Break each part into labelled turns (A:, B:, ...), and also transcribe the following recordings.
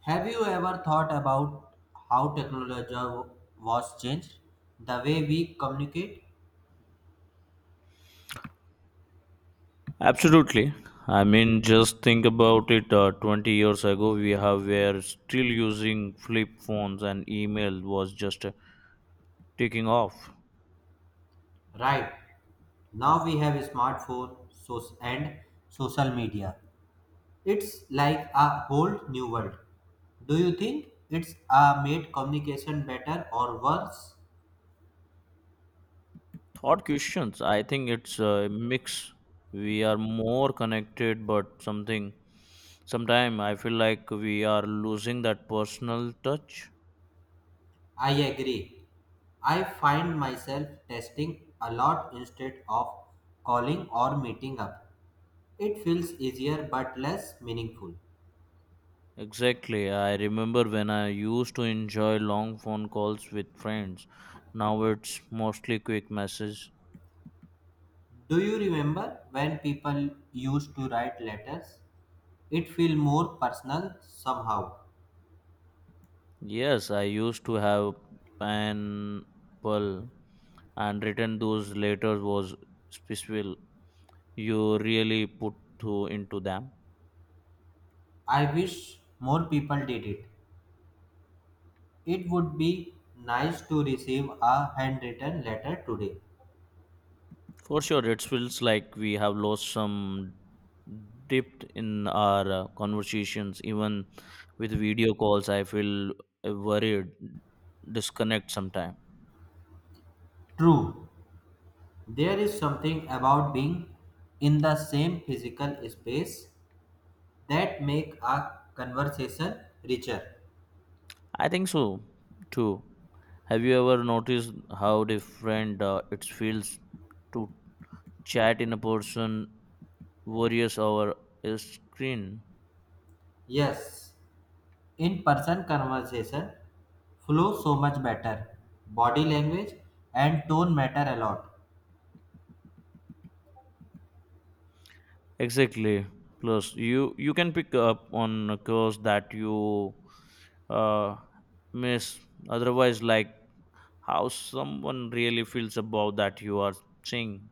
A: Have you ever thought about how technology was changed the way we communicate?
B: Absolutely. I mean, just think about it. 20 years ago, we have were still using flip phones, and email was just taking off.
A: Right now we have and social media. It's like a whole new world. Do you think it's made communication better or worse?
B: Thought questions. I think it's a mix. We are more connected, but something. Sometime I feel like we are losing that personal touch.
A: I agree. I find myself testing a lot instead of calling or meeting up. It feels easier but less meaningful.
B: Exactly. I remember when I used to enjoy long phone calls with friends. Now it's mostly quick messages.
A: Do you remember when people used to write letters? It feel more personal somehow.
B: Yes, I used to have pen, pearl, and written those letters was special. You really put to into them.
A: I wish more people did it. It would be nice to receive a handwritten letter today.
B: For sure, it feels like we have lost some depth in our conversations. Even with video calls, I feel a worried disconnect sometime.
A: True, there is something about being in the same physical space that make a conversation richer.
B: I think so too. Have you ever noticed how different it feels to chat in a person worries over a screen.
A: Yes, in-person conversation flow so much better. Body language and tone matter a lot.
B: Exactly. Plus, you can pick up on a course that you uh, miss. Otherwise, like how someone really feels about that you are seeing.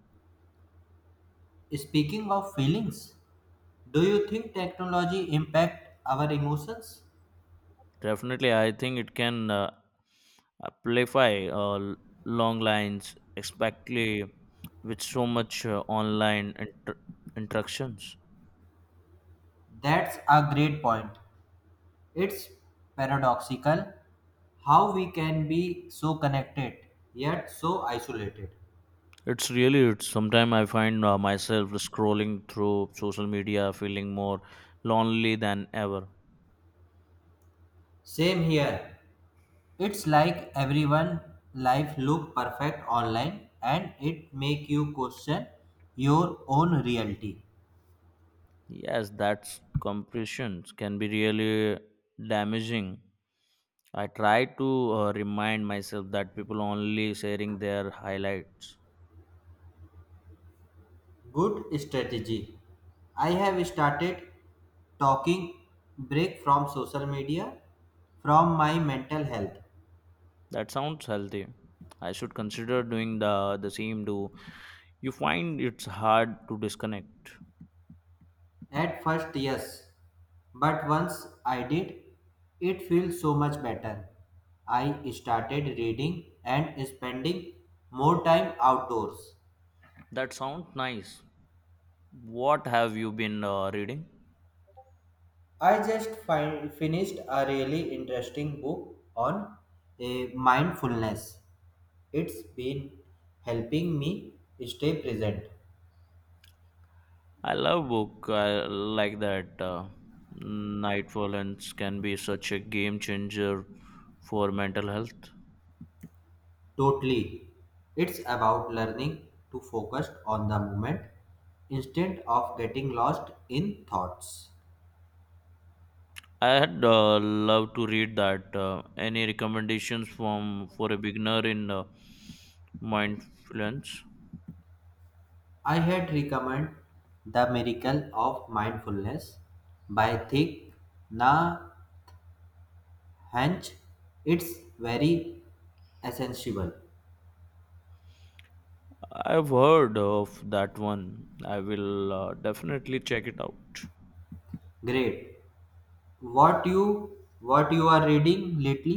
A: Speaking of feelings, do you think technology impact our emotions?
B: Definitely, I think it can amplify long lines, especially with so much online interactions.
A: That's a great point. It's paradoxical how we can be so connected yet so isolated.
B: It's really it's sometimes I find myself scrolling through social media feeling more lonely than ever.
A: Same here. It's like everyone life look perfect online and it make you question your own reality.
B: Yes, that's compression can be really damaging. I try to remind myself that people only sharing their highlights.
A: Good strategy. I have started talking break from social media from my mental health.
B: That sounds healthy. I should consider doing the same. Do you find it's hard to disconnect?
A: At first, yes, but once I did, it feels so much better. I started reading and spending more time outdoors.
B: That sounds nice. What have you been reading?
A: I just finished a really interesting book on mindfulness. It's been helping me stay present.
B: I love book. I like that. Nightfall and can be such a game changer for mental health.
A: Totally. It's about learning to focus on the moment instead of getting lost in thoughts.
B: I'd love to read that. Any recommendations from for a beginner in mindfulness?
A: I had recommend The Miracle of Mindfulness by Thich Nhat Hanh. It's very essential.
B: I've heard of that one. I will definitely check it out.
A: Great. What you what you are reading lately?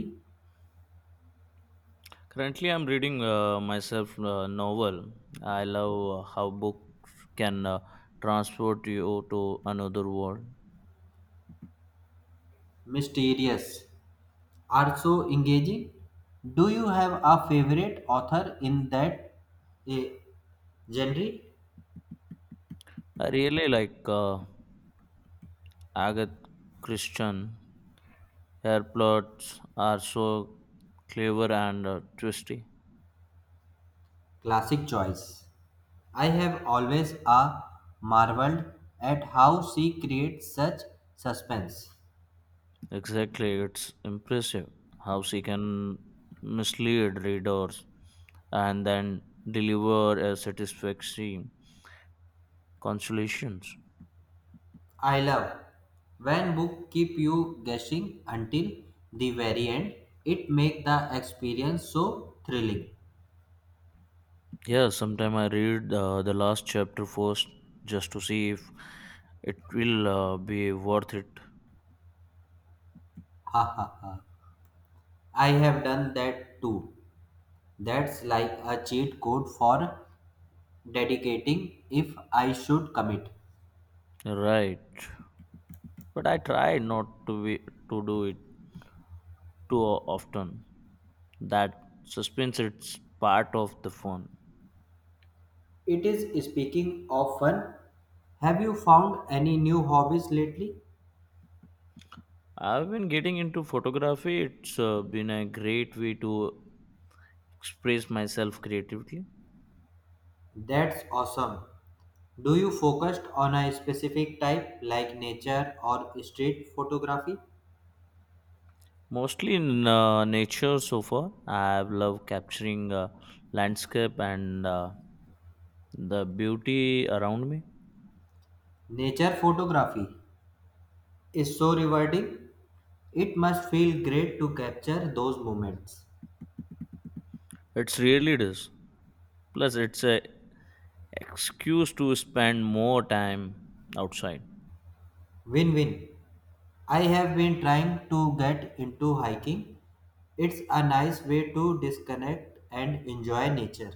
B: Currently, I'm reading myself a novel. I love how books can transport you to another world.
A: Mysterious. Are so engaging. Do you have a favorite author in that eh, genre?
B: I really like Agatha Christian. Her plots are so clever and twisty.
A: Classic choice. I have always a marveled at how she creates such suspense.
B: Exactly, it's impressive how she can mislead readers and then deliver a satisfactory consolations.
A: I love when book keep you guessing until the very end. It make the experience so thrilling.
B: Yeah, sometime I read the last chapter first just to see if it will be worth it.
A: Ha ha ha. I have done that too. That's like a cheat code for dedicating if I should commit.
B: Right, but I try not to be to do it too often that suspense it's part of the fun.
A: It is speaking of fun. Have you found any new hobbies lately?
B: I've been getting into photography. It's been a great way to express myself creatively.
A: That's awesome. Do you focus on a specific type like nature or street photography?
B: Mostly in nature so far. I love capturing landscape and the beauty around me.
A: Nature photography is so rewarding. It must feel great to capture those moments.
B: It's really it is Plus it's a excuse to spend more time outside.
A: Win win. I have been trying to get into hiking. It's a nice way to disconnect and enjoy nature.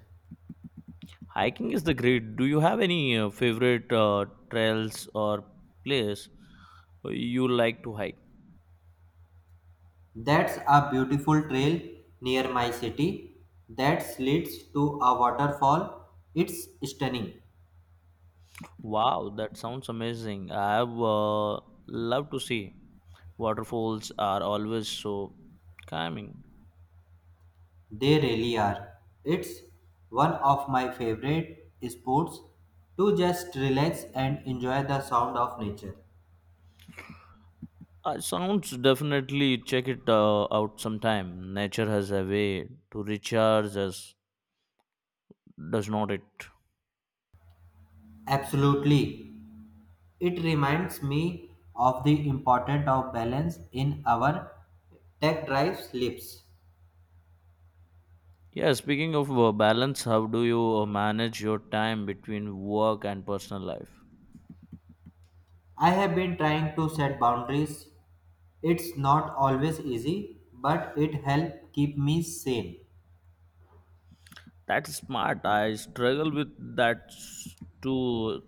B: Hiking is the great. Do you have any favorite trails or place you like to hike?
A: That's a beautiful trail near my city that leads to a waterfall. It's stunning.
B: Wow, that sounds amazing. I have love to see. Waterfalls are always so calming.
A: They really are. It's one of my favorite sports to just relax and enjoy the sound of nature.
B: Sounds definitely check it out sometime. Nature has a way to recharge us, does not it?
A: Absolutely. It reminds me of the importance of balance in our tech drives lives.
B: Yeah, speaking of balance, how do you manage your time between work and personal life?
A: I have been trying to set boundaries. It's not always easy, but it helps keep me sane.
B: That's smart. I struggle with too,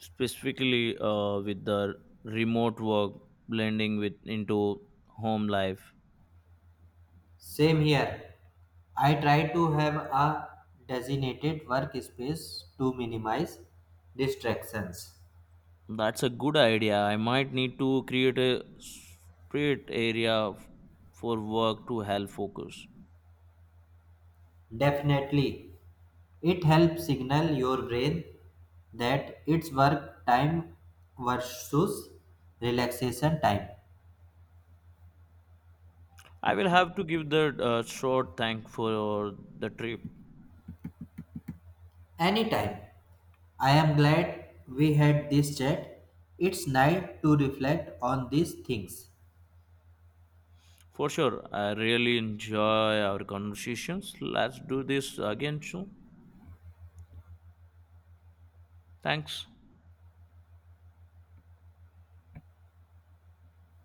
B: specifically with the remote work blending with into home life.
A: Same here. I try to have a designated workspace to minimize distractions.
B: That's a good idea. I might need to create a separate for work to help focus.
A: Definitely. It helps signal your brain that it's work time versus relaxation time.
B: I will have to give the short thank for the trip.
A: Anytime. I am glad we had this chat. It's nice to reflect on these things.
B: For sure, I really enjoy our conversations. Let's do this again soon. Thanks.